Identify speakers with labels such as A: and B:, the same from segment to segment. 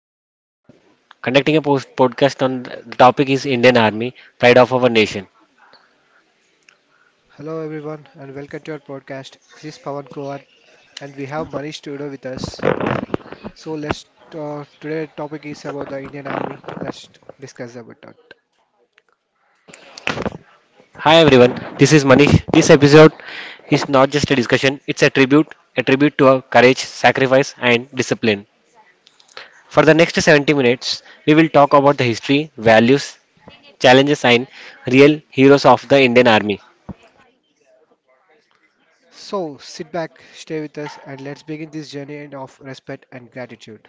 A: we are we conducting a post podcast on the topic is Indian Army, pride of our nation.
B: Hello everyone and welcome to our podcast. This is Pawan Kumar and we have Manish Tudor with us. So let's Today topic is about the Indian Army. Let's discuss about that.
A: Hi, everyone. This is Manish. This episode is not just a discussion; it's a tribute to our courage, sacrifice, and discipline. For the next 70 minutes, we will talk about the history, values, challenges, and real heroes of the Indian Army.
B: So sit back, stay with us and let's begin this journey and of respect and gratitude.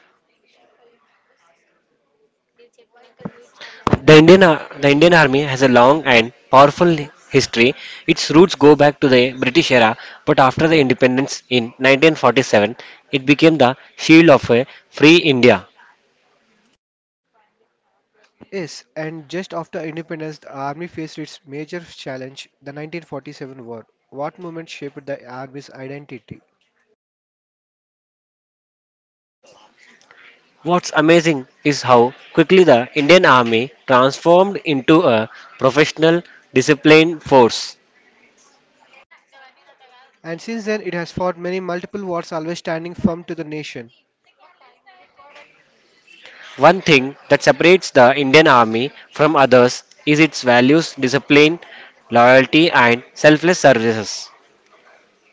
A: The Indian Army has a long and powerful history. Its roots go back to the British era, but after the independence in 1947, it became the shield of a free India.
B: Yes, and just after independence the army faced its major challenge, the 1947 war. What movement shaped the army's identity?
A: What's amazing is how quickly the Indian Army transformed into a professional, disciplined force.
B: And since then it has fought many multiple wars always standing firm to the nation.
A: One thing that separates the Indian Army from others is its values, discipline, loyalty, and selfless services.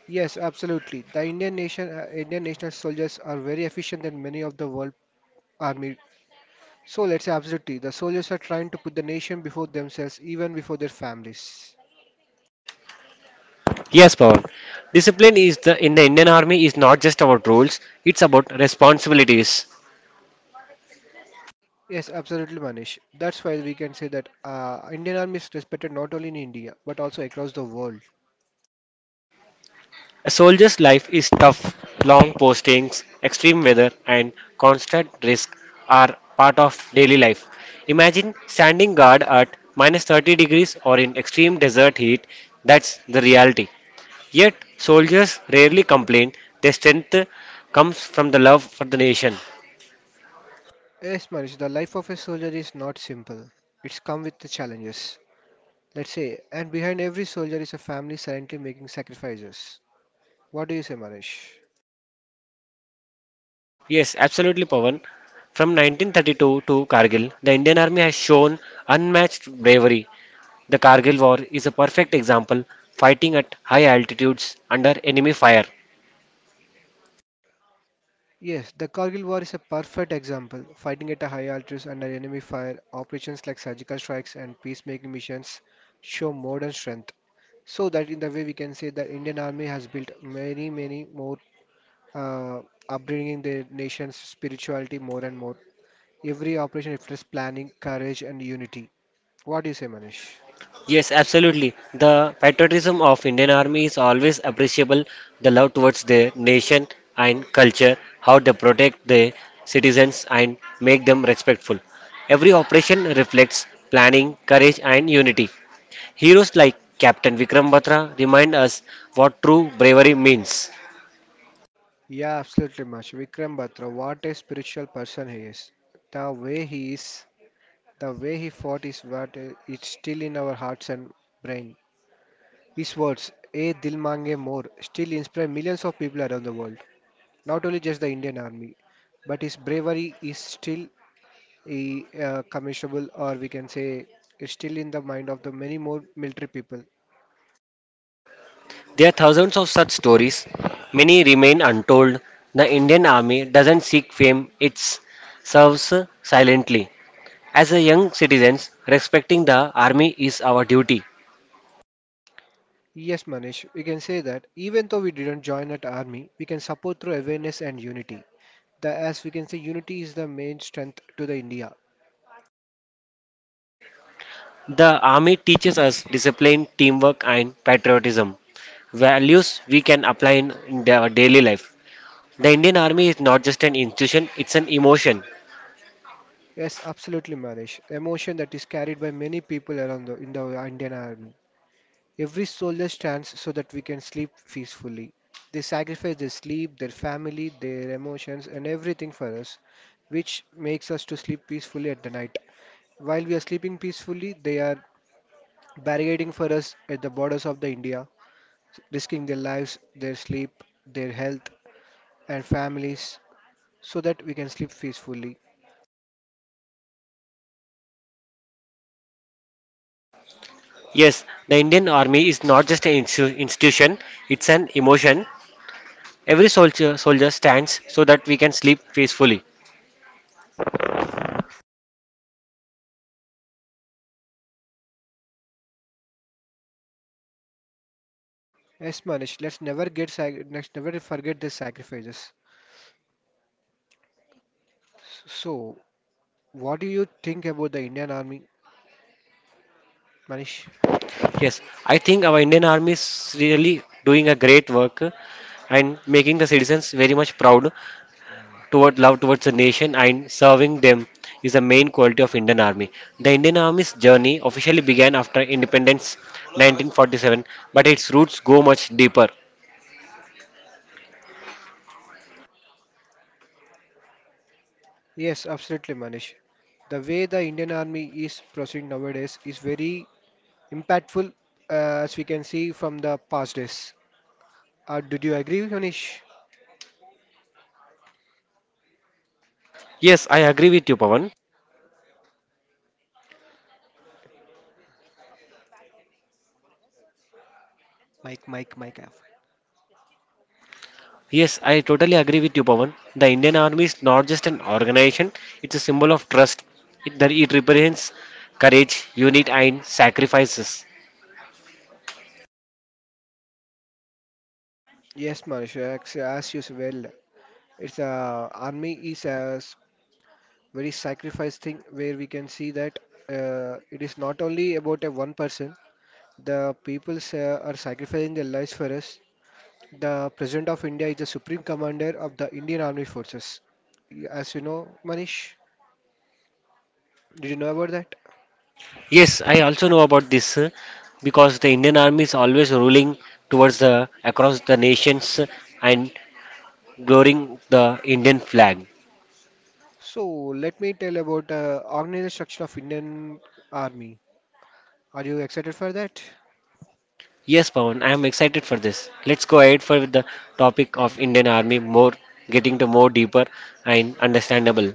B: Yes, absolutely. Indian national soldiers are very efficient than many of the world army. So let's say absolutely, the soldiers are trying to put the nation before themselves, even before their families.
A: Yes, Pawan. Discipline is the in the Indian Army is not just about rules, it's about responsibilities.
B: Yes, absolutely, Manish. That's why we can say that Indian army is respected not only in India but also across the world.
A: A soldier's life is tough. Long postings, extreme weather, and constant risk are part of daily life. Imagine standing guard at minus 30 degrees or in extreme desert heat. That's the reality. Yet, soldiers rarely complain. Their strength comes from the love for the nation.
B: Yes, Manish, the life of a soldier is not simple. It's come with the challenges. Let's say, and behind every soldier is a family silently making sacrifices. What do you say, Manish?
A: Yes, absolutely, Pawan. From 1932 to Kargil, the Indian Army has shown unmatched bravery. The Kargil War is a perfect example, fighting at high altitudes under enemy fire.
B: Yes, the Kargil War is a perfect example. Fighting at a high altitude under enemy fire, operations like surgical strikes and peacemaking missions show modern strength. So that in the way we can say the Indian Army has built many, uh, upbringing the nation's spirituality more and more. Every operation reflects planning, courage, and unity. What do you say, Manish?
A: Yes, absolutely. The patriotism of Indian Army is always appreciable. The love towards their nation and culture, how they protect their citizens and make them respectful. Every operation reflects planning, courage, and unity. Heroes like Captain Vikram Batra remind us what true bravery means.
B: Yeah, absolutely, Manish. Vikram Batra, what a spiritual person he is. The way he is The way he fought is what is still in our hearts and brain. His words, "A Dil Mange More," still inspire millions of people around the world. Not only just the Indian Army, but his bravery is still a, commendable, or we can say, is still in the mind of the many more military people.
A: There are thousands of such stories. Many remain untold. The Indian Army doesn't seek fame, it serves silently. As a young citizens, respecting the army is our duty.
B: Yes, Manish, we can say that even though we didn't join at army, we can support through awareness and unity. The as we can say, unity is the main strength to the India.
A: The army teaches us discipline, teamwork, and patriotism, values we can apply in our daily life. The Indian Army is not just an institution, it's an emotion.
B: Yes, absolutely, Manish. Emotion that is carried by many people around in the Indian Army. Every soldier stands so that we can sleep peacefully. They sacrifice their sleep, their family, their emotions, and everything for us, which makes us to sleep peacefully at the night. While we are sleeping peacefully, they are barricading for us at the borders of the India, risking their lives, their sleep, their health, and families, so that we can sleep peacefully.
A: Yes, the Indian Army is not just an institution, it's an emotion. Every soldier stands so that we can sleep peacefully.
B: Yes, Manish, let's never forget the sacrifices. So, what do you think about the Indian Army, Manish?
A: Yes, I think our Indian Army is really doing a great work and making the citizens very much proud toward love towards the nation and serving them is the main quality of Indian Army. The Indian Army's journey officially began after independence 1947, but its roots go much deeper.
B: Yes, absolutely, Manish. The way the Indian Army is proceeding nowadays is very impactful, uh, as we can see from the past days. Did you agree, Manish?
A: Yes, I agree with you, Pawan.
B: Mike, Mike, Mike. F.
A: Yes, I totally agree with you, Pawan. The Indian Army is not just an organization, it's a symbol of trust. It represents courage, unity, and sacrifices.
B: Yes, Manish, as you said, well, it's army is a s- very sacrifice thing where we can see that it is not only about a one person. The peoples Are sacrificing their lives for us. The President of India is the Supreme Commander of the Indian Army Forces. As you know, Manish, did you know about that?
A: Yes, I also know about this because the Indian Army is always ruling towards the across the nations and glorying the Indian flag.
B: So let me tell about organizational structure of Indian Army. Are you excited for that?
A: Yes, Pawan, I am excited for this. Let's go ahead for the topic of Indian Army more, getting to more deeper and understandable.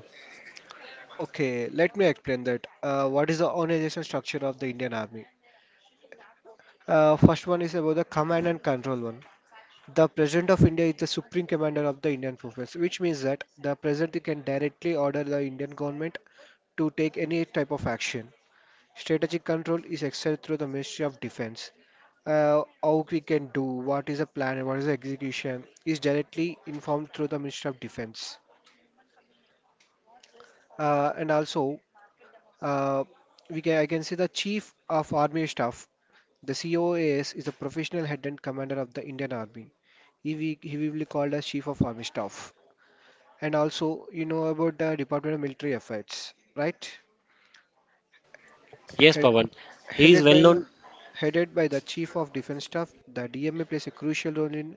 B: Okay, let me explain that. What is the organizational structure of the Indian Army? First one is about the command and control one. The President of India is the Supreme Commander of the Indian Forces, which means that the President can directly order the Indian government to take any type of action. Strategic control is excelled through the Ministry of Defense. How we can do, what is the plan, and what is the execution is directly informed through the Ministry of Defense. And also, uh, we can, I can say the Chief of Army Staff, the COAS, is the professional head and commander of the Indian Army. He will be called as Chief of Army Staff. And also, you know about the Department of Military Affairs, right?
A: Yes,
B: He-
A: Pawan, he is
B: headed
A: well
B: by
A: known.
B: headed by the Chief of Defense Staff, the DMA plays a crucial role in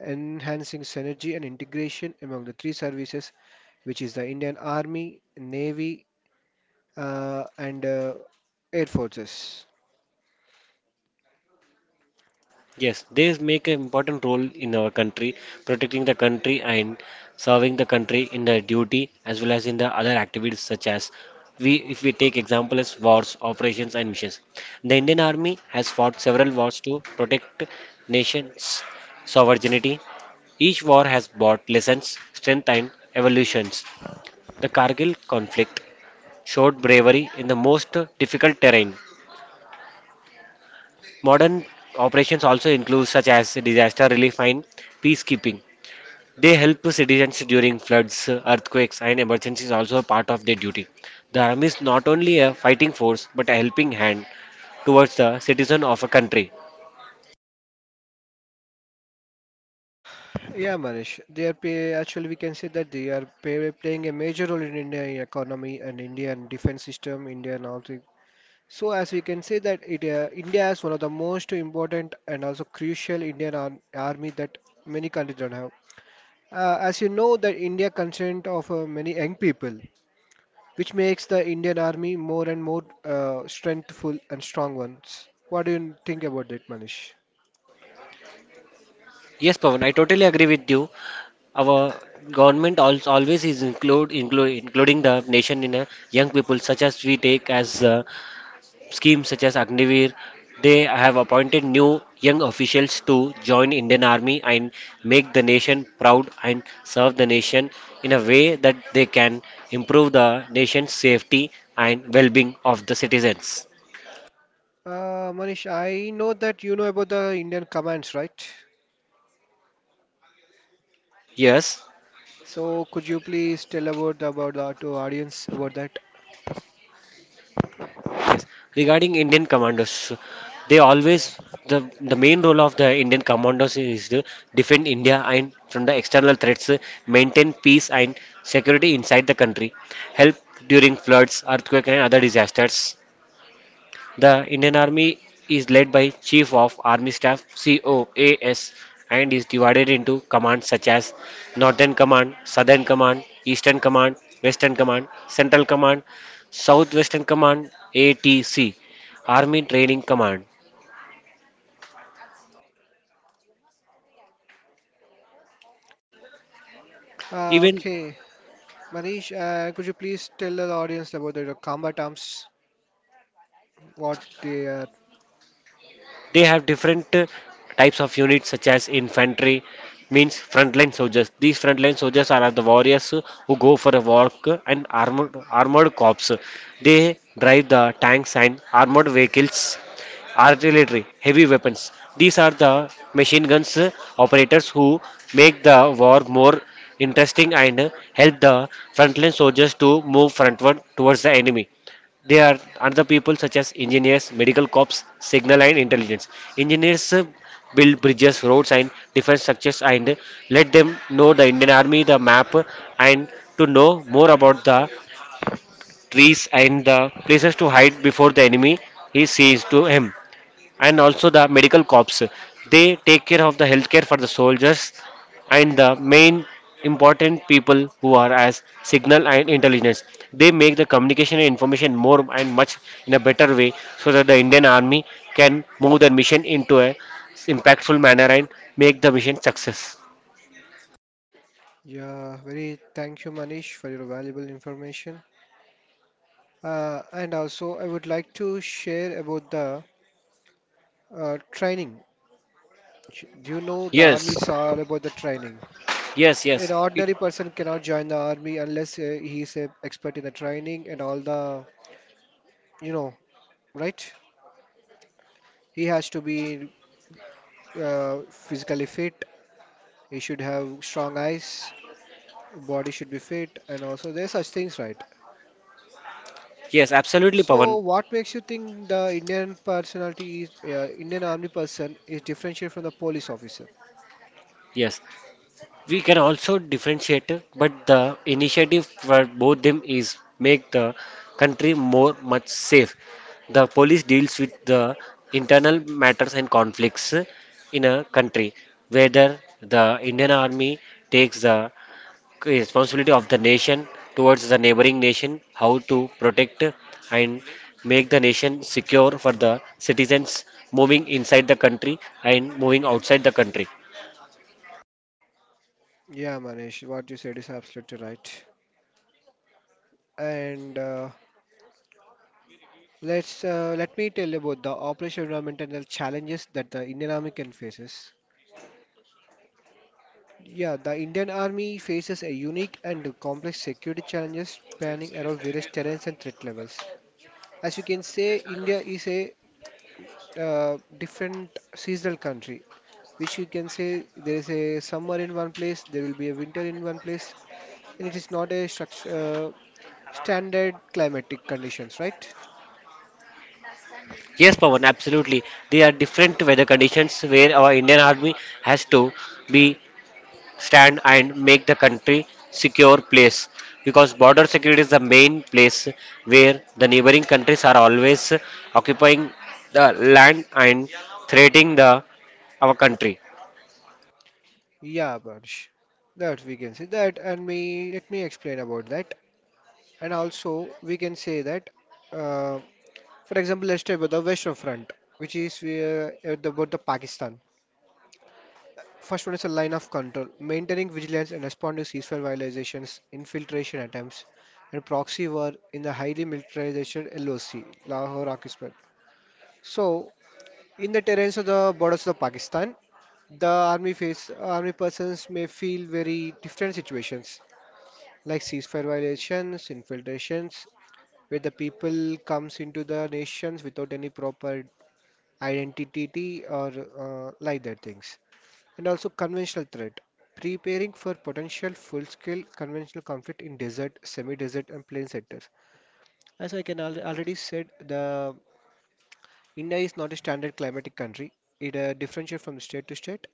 B: enhancing synergy and integration among the three services, which is the Indian Army, Navy, and Air Forces.
A: Yes, they make an important role in our country, protecting the country and serving the country in their duty as well as in the other activities such as we if we take example as wars, operations and missions. The Indian Army has fought several wars to protect nations' sovereignty. Each war has brought lessons, strength and evolutions. The Kargil conflict showed bravery in the most difficult terrain. Modern operations also include such as disaster relief and peacekeeping. They help citizens during floods, earthquakes, and emergencies also a part of their duty. The army is not only a fighting force but a helping hand towards the citizen of a country.
B: Yeah, Manish, actually we can say that they are pay, playing a major role in Indian economy and Indian defense system, Indian all three. So as we can say that India is one of the most important and also crucial army that many countries don't have. As you know, that India consent of many young people which makes the Indian army more and more strengthful and strong ones. What do you think about that, Manish?
A: Yes, Pavan, I totally agree with you. Our government also always is include, include including the nation in a young people such as we take as schemes such as Agniveer, they have appointed new young officials to join Indian Army and make the nation proud and serve the nation in a way that they can improve the nation's safety and well-being of the citizens.
B: Manish, I know that you know about the Indian commands, right?
A: Yes,
B: So could you please tell about the to audience about that?
A: regarding Indian commandos, they
B: Yeah.
A: always the main role of the Indian commandos is to defend India and from the external threats, maintain peace and security inside the country, help during floods, earthquake and other disasters. The Indian Army is led by Chief of Army Staff (COAS) and is divided into commands such as Northern Command, Southern Command, Eastern Command, Western Command, Central Command, Southwestern Command (ATC), Army Training Command. Even
B: Okay, Manish, could you please tell the audience about the combat arms,
A: yes,
B: what they are?
A: They have different types of units such as infantry means frontline soldiers. These frontline soldiers are the warriors who go for a walk and armored corps. They drive the tanks and armored vehicles artillery, heavy weapons. These are the machine guns operators who make the war more interesting and help the frontline soldiers to move frontward towards the enemy. They are other people such as engineers, medical cops, signal and intelligence. Engineers build bridges, roads and defense structures and let them know the Indian army, the map and to know more about the trees and the places to hide before the enemy he sees to him and also the medical corps. They take care of the healthcare for the soldiers and the main important people who are as signal and intelligence. They make the communication and information more and much in a better way so that the Indian Army can move their mission into a impactful manner and make the mission success.
B: Yeah, very thank you, Manish, for your valuable information. I would like to share about the training. Do you know the army
A: Yes,
B: is all about the training?
A: yes, yes,
B: An ordinary person cannot join the army unless he is a expert in the training and all the, you know, right? He has to be physically fit. He should have strong eyes. Body should be fit, and also there's such things, right?
A: yes, absolutely,
B: So,
A: Pavan.
B: what makes you think the Indian army person is differentiated from the police officer?
A: Yes, we can also differentiate, but the initiative for both them is make the country more much safe. The police deals with the internal matters and conflicts in a country, whether the Indian army takes the responsibility of the nation towards the neighboring nation, how to protect and make the nation secure for the citizens moving inside the country and moving outside the country.
B: Yeah, Manish, what you said is absolutely right. And let's let me tell you about the operational environmental challenges that the Indian Army can faces. Yeah, the Indian Army faces a unique and complex security challenges spanning around various terrains and threat levels. As you can say, India is a different seasonal country, which you can say there is a summer in one place, there will be a winter in one place, and it is not a structure, standard climatic conditions, right?
A: Yes, Pawan, absolutely. There are different weather conditions where our Indian Army has to be stand and make the country secure place because border security is the main place where the neighboring countries are always occupying the land and threatening the our country.
B: Yeah, Bansh. That we can say that, and me Let me explain about that. And also, we can say that, uh, for example, let's take about the Western Front, which is about the Pakistan. First one is a line of control, maintaining vigilance and responding to ceasefire violations, infiltration attempts, and proxy war in the highly militarized LOC, Lahore occupied. So, in the terrains of the borders of Pakistan, the army face army persons may feel very different situations like ceasefire violations, infiltrations, where the people comes into the nations without any proper identity or like that things. And also conventional threat. Preparing for potential full-scale conventional conflict in desert, semi-desert and plain sectors. As I already said, the India is not a standard climatic country. It differentiates from state to state.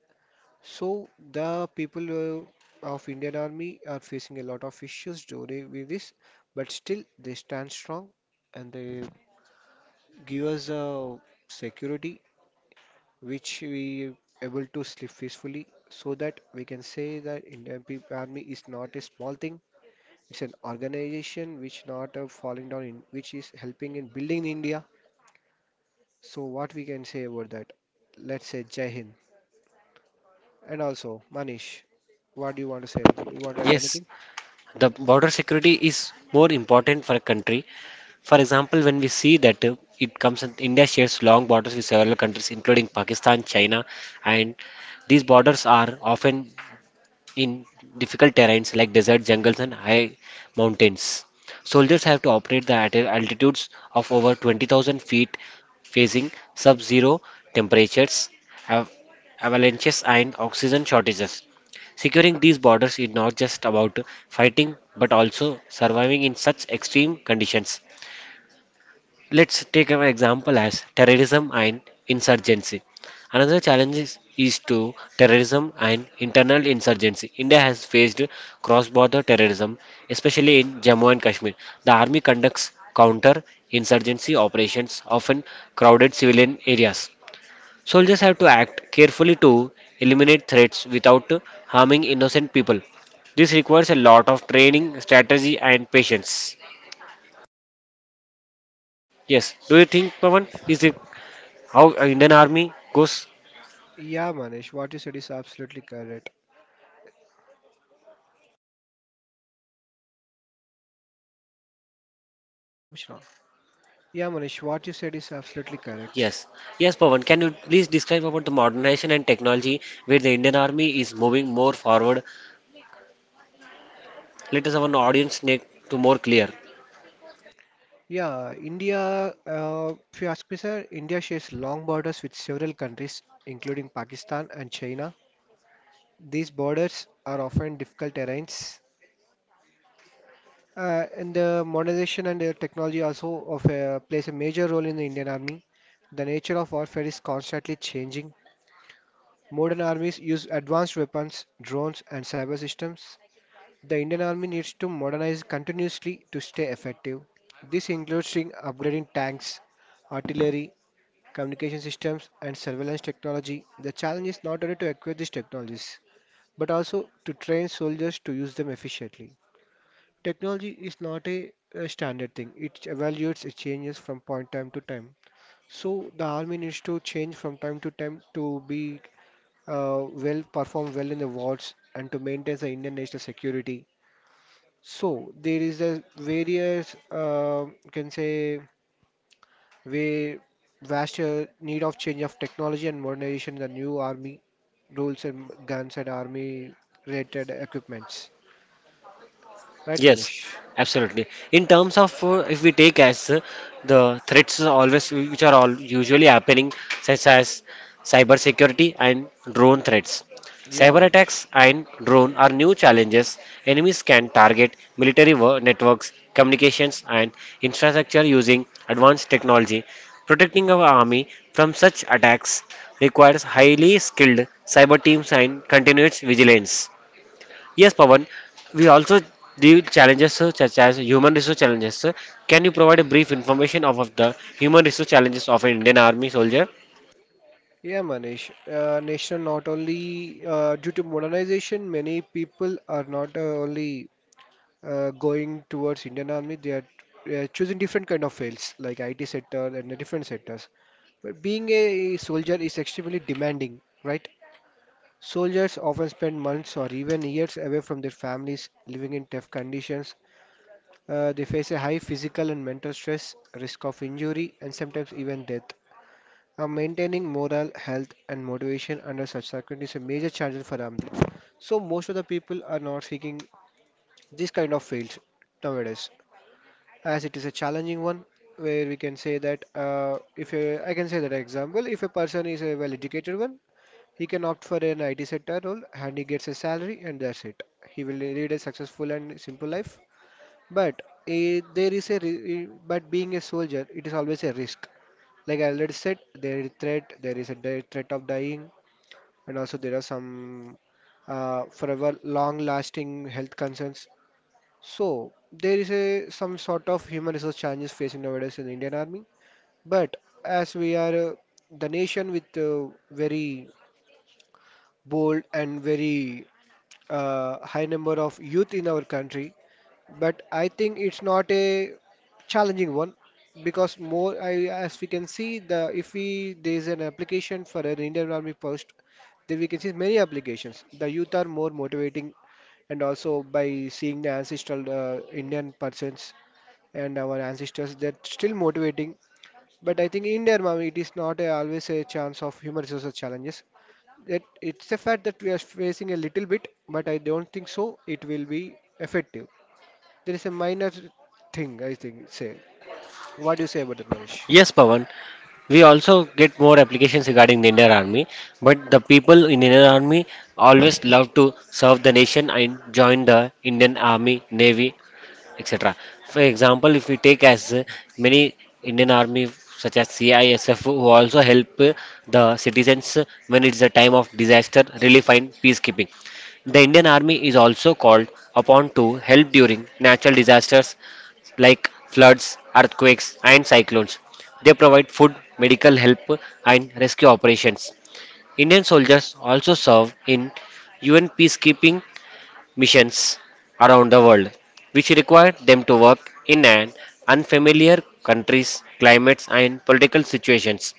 B: So the people uh, of Indian Army are facing a lot of issues during with this, but still they stand strong and they give us a security which we able to sleep peacefully so that we can say that army is not a small thing. It's an organization which not falling down in which is helping in building India. So what we can say about that? Let's say Jai Hind. And also Manish, what do you want to say anything? You want to add
A: Yes,
B: anything?
A: the border security is more important for a country. For example, when we see that it comes in India shares long borders with several countries, including Pakistan, China, and these borders are often in difficult terrains like desert jungles and high mountains. Soldiers have to operate the at altitudes of over 20,000 feet, facing sub-zero temperatures, av- avalanches, and oxygen shortages. Securing these borders is not just about fighting but also surviving in such extreme conditions. Let's take an example as terrorism and insurgency. Another challenge is to terrorism and internal insurgency. India has faced cross-border terrorism, especially in Jammu and Kashmir. The army conducts counter-insurgency operations, often crowded civilian areas. Soldiers have to act carefully to eliminate threats without harming innocent people. This requires a lot of training, strategy, and patience. Yes, do you think, Pawan, is the How Indian Army goes?
B: Yeah, Manish, what you said is absolutely correct. What's wrong? Yeah, Manish, what you said is absolutely correct.
A: Yes. Yes, Pawan, can you please describe about the modernization and technology where the Indian Army is moving more forward? Let us have an audience make to more clear.
B: If you ask me, sir, India shares long borders with several countries, including Pakistan and China. These borders are often difficult terrains. And the modernization and technology also plays a major role in the Indian army. The nature of warfare is constantly changing. Modern armies use advanced weapons, drones, and cyber systems. The Indian army needs to modernize continuously to stay effective. This includes in upgrading tanks, artillery, communication systems, and surveillance technology. The challenge is not only to acquire these technologies, but also to train soldiers to use them efficiently. Technology is not a standard thing, it evaluates, it changes from point time to time. So the army needs to change from time to time to be perform well in the wars and to maintain the Indian national security. So there is a various you can say we vast need of change of technology and modernization in the new army rules and guns and army related equipments. Right,
A: Yes,
B: Manish?
A: absolutely. In terms of if we take as the threats are always which are all usually happening, such as cyber security and drone threats.
B: Yeah,
A: Cyber attacks
B: Manish.
A: and drone are new challenges. Enemies can target military networks, communications, and infrastructure using advanced technology. Protecting our army from such attacks requires highly skilled cyber teams and continuous vigilance. Yes, Pawan, we also deal challenges such as human resource challenges. Can you provide a brief information of the human resource challenges of an Indian Army soldier?
B: Yeah, Manish. Nation not only due to modernization, many people are not only going towards Indian Army. They are choosing different kind of fields like IT sector and the different sectors. But being a soldier is extremely demanding, right? Soldiers often spend months or even years away from their families, living in tough conditions. They face a high physical and mental stress, risk of injury, and sometimes even death. Maintaining morale, health, and motivation under such circumstances is a major challenge for Amdi. So, most of the people are not seeking this kind of fields nowadays, as it is a challenging one. Where we can say that if a, I can say that example, if a person is a well-educated one, he can opt for an IT sector role and he gets a salary and that's it. He will lead a successful and simple life. But eh, there is a re- eh, but being a soldier, it is always a risk. Like I already said, there is threat, there is a di- threat of dying, and also there are some forever long-lasting health concerns. So there is a some sort of human resource challenges facing nowadays in the Indian Army. But as we are the nation with very bold and very high number of youth in our country, but I think it's not a challenging one because as we can see the if we there is an application for an Indian Army post, then we can see many applications. The youth are more motivating, and also by seeing the ancestral Indian persons and our ancestors, they're still motivating. But I think in India, Army, it is not a, always a chance of human resources challenges. It's a fact that we are facing a little bit, but I don't think so. It will be effective. There is a minor thing, I think. Say, what do you say about that, Manish?
A: Yes, Pawan. We also get more applications regarding the Indian Army, but the people in Indian Army always love to serve the nation and join the Indian Army, Navy, etc. For example, if we take as many Indian army such as CISF who also help the citizens when it's a time of disaster relief and peacekeeping. The Indian army is also called upon to help during natural disasters like floods, earthquakes and cyclones. They provide food, medical help and rescue operations. Indian soldiers also serve in UN peacekeeping missions around the world, which required them to work in an unfamiliar countries, climates, and political situations.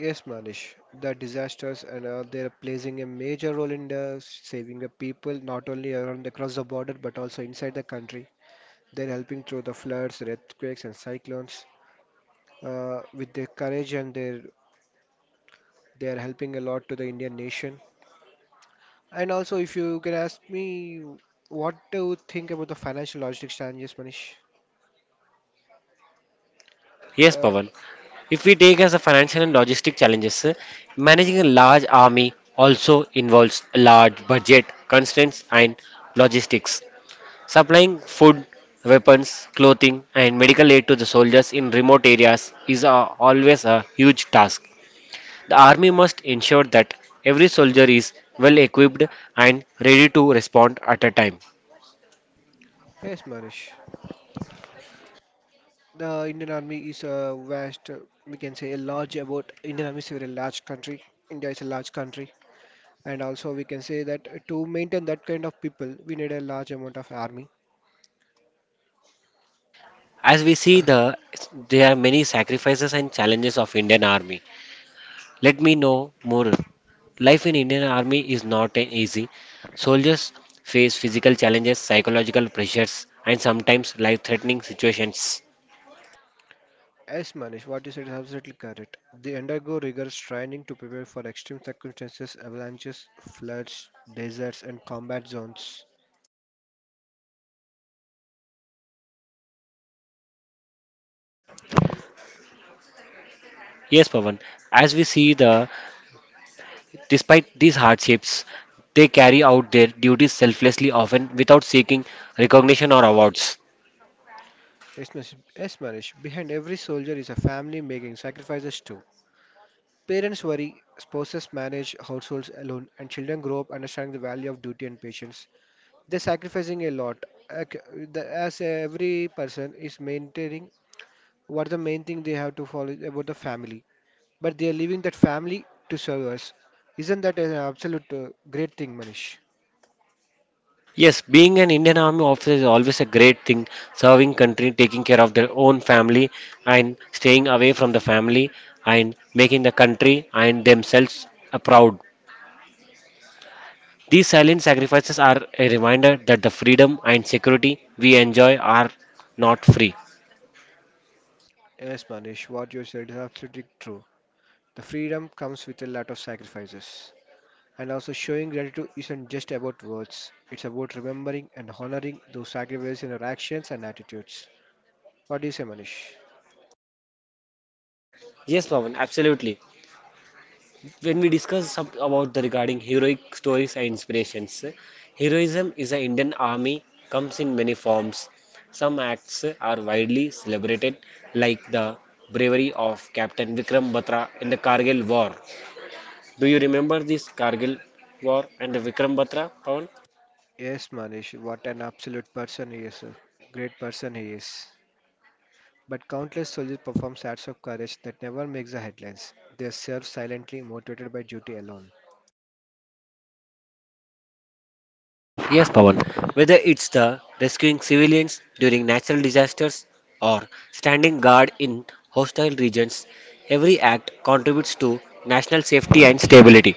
B: Yes, Manish. The disasters and all, they're playing a major role in the saving the people, not only around across the border but also inside the country. They're helping through the floods, earthquakes, and cyclones. With their courage and their, they are helping a lot to the Indian nation. And also, if you can ask me what do you think about the financial logistics challenges, Manish?
A: Yes,
B: Uh,
A: Pawan. If we take as a financial and logistic challenges, managing a large army also involves a large budget, constraints, and logistics. Supplying food, weapons, clothing, and medical aid to the soldiers in remote areas is always a huge task. The army must ensure that every soldier is well equipped and ready to respond at a time.
B: yes, Manish. The Indian Army is a vast, we can say a large about Indian Army is a very large country. India is a large country. And also, we can say that to maintain that kind of people, we need a large amount of army.
A: As we see there are many sacrifices and challenges of Indian army. Let me know more. Life in Indian army is not easy. Soldiers face physical challenges, psychological pressures and sometimes life-threatening situations.
B: Yes, Manish, what you said is absolutely correct. They undergo rigorous training to prepare for extreme circumstances, avalanches, floods, deserts, and combat zones.
A: Yes, Pavan, as we see the despite these hardships, they carry out their duties selflessly often without seeking recognition or awards.
B: Yes, Manish. Behind every soldier is a family making sacrifices too. Parents worry, spouses manage households alone, and children grow up understanding the value of duty and patience. They're sacrificing a lot. Ac- As every person is maintaining what the main thing they have to follow is about the family, but they are leaving that family to serve us. Isn't that an absolute great thing, Manish?
A: Yes, being an Indian Army officer is always a great thing. Serving country, taking care of their own family, and staying away from the family, and making the country and themselves a proud. These silent sacrifices are a reminder that the freedom and security we enjoy are not free.
B: Yes, Manish. What you said is absolutely true. The freedom comes with a lot of sacrifices. And also, showing gratitude isn't just about words, it's about remembering and honoring those sacrifices in our actions and attitudes. What do you say, Manish?
A: Yes, Pawan, absolutely. When we discuss some about the regarding heroic stories and inspirations, heroism is the Indian army comes in many forms. Some acts are widely celebrated, like the bravery of Captain Vikram Batra in the Kargil War. Do you remember this Kargil War and the Vikram Batra, Pawan?
B: Yes, Manish, what an absolute person he is. A great person he is. But countless soldiers perform acts of courage that never makes the headlines. They serve silently, motivated by duty alone.
A: Yes, Pawan. Whether it's the rescuing civilians during natural disasters or standing guard in hostile regions, every act contributes to national safety and stability.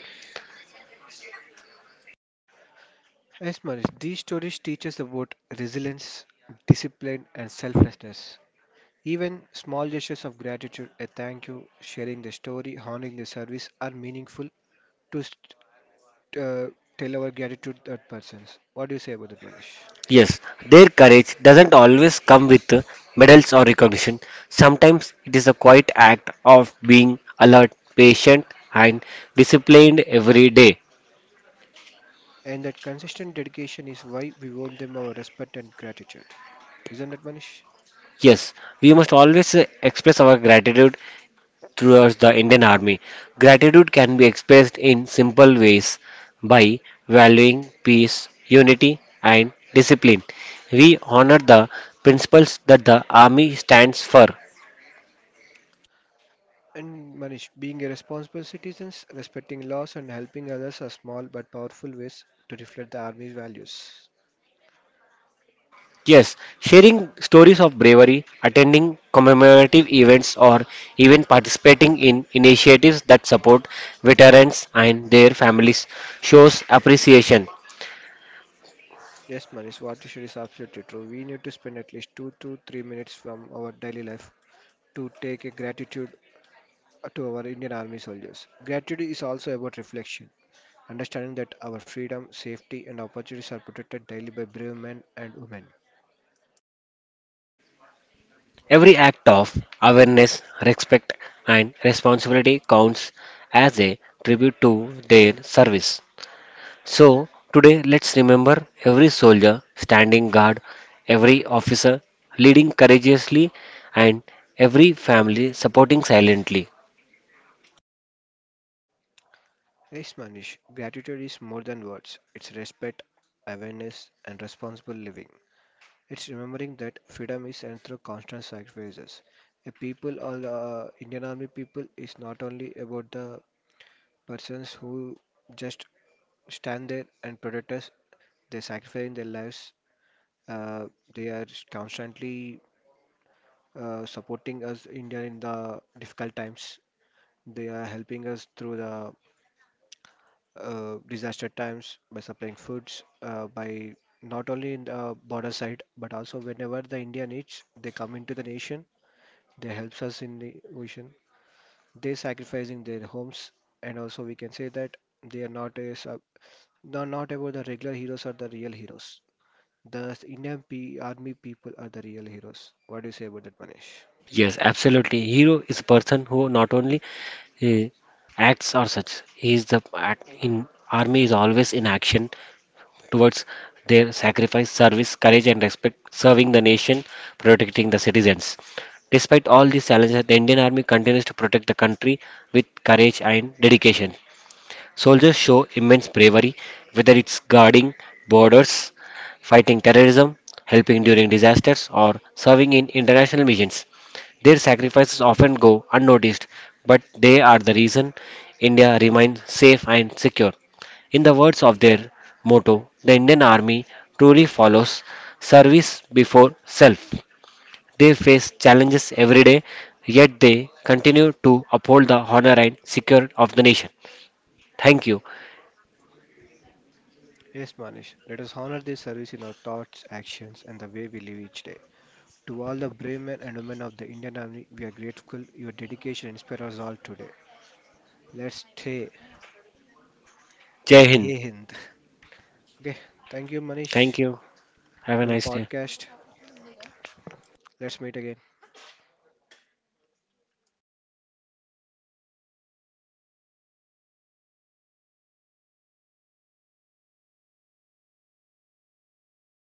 B: Yes, Manish, these stories teach us about resilience, discipline, and selflessness. Even small gestures of gratitude, a thank you, sharing the story, honoring the service are meaningful to st- uh, tell our gratitude that persons. What do you say about that, Manish?
A: Yes, their courage doesn't always come with medals or recognition. Sometimes it is a quiet act of being alert, patient, and disciplined every day.
B: And that consistent dedication is why we owe them our respect and gratitude. Isn't it, Manish?
A: Yes, we must always express our gratitude towards the Indian Army. Gratitude can be expressed in simple ways by valuing peace, unity, and discipline. We honor the principles that the Army stands for.
B: And Manish, being a responsible citizens, respecting laws and helping others are small but powerful ways to reflect the army's values.
A: Yes, sharing stories of bravery, attending commemorative events, or even participating in initiatives that support veterans and their families shows appreciation.
B: Yes, Manish, what you said is absolutely true. We need to spend at least 2 to 3 minutes from our daily life to take a gratitude to our Indian Army soldiers. Gratitude is also about reflection. Understanding that our freedom, safety, and opportunities are protected daily by brave men and women.
A: Every act of awareness, respect, and responsibility counts as a tribute to their service. So, today let's remember every soldier standing guard, every officer leading courageously, and every family supporting silently.
B: Yes, Manish, gratitude is more than words, it's respect, awareness, and responsible living. It's remembering that freedom is earned through constant sacrifices. A people or the Indian Army people is not only about the persons who just stand there and protect us, they're sacrificing their lives, uh, they are constantly supporting us India in the difficult times. They are helping us through the disaster times by supplying foods, by not only in the border side, but also whenever the India needs, they come into the nation. They helps us in the ocean. They sacrificing their homes, and also we can say that they are not a sub, no, not about the regular heroes or the real heroes. The Indian P army people are the real heroes. What do you say about that, Manish?
A: Yes, absolutely. Hero is a person who not only uh, acts or such. He is the act in army is always in action towards their sacrifice, service, courage, and respect, serving the nation, protecting the citizens. Despite all these challenges, the Indian Army continues to protect the country with courage and dedication. Soldiers show immense bravery, whether it's guarding borders, fighting terrorism, helping during disasters, or serving in international missions. Their sacrifices often go unnoticed, but they are the reason India remains safe and secure. In the words of their motto, the Indian Army truly follows service before self. They face challenges every day, yet they continue to uphold the honor and security of the nation. Thank you.
B: Yes, Manish. Let us honor their service in our thoughts, actions, and the way we live each day. To all the brave men and women of the Indian Army, we are grateful. Your dedication inspires us all today. Let's stay.
A: Jai Hind.
B: Jai Hind. Okay, thank you, Manish,
A: Thank you. Have a
B: for the
A: nice day.
B: podcast. Let's meet again.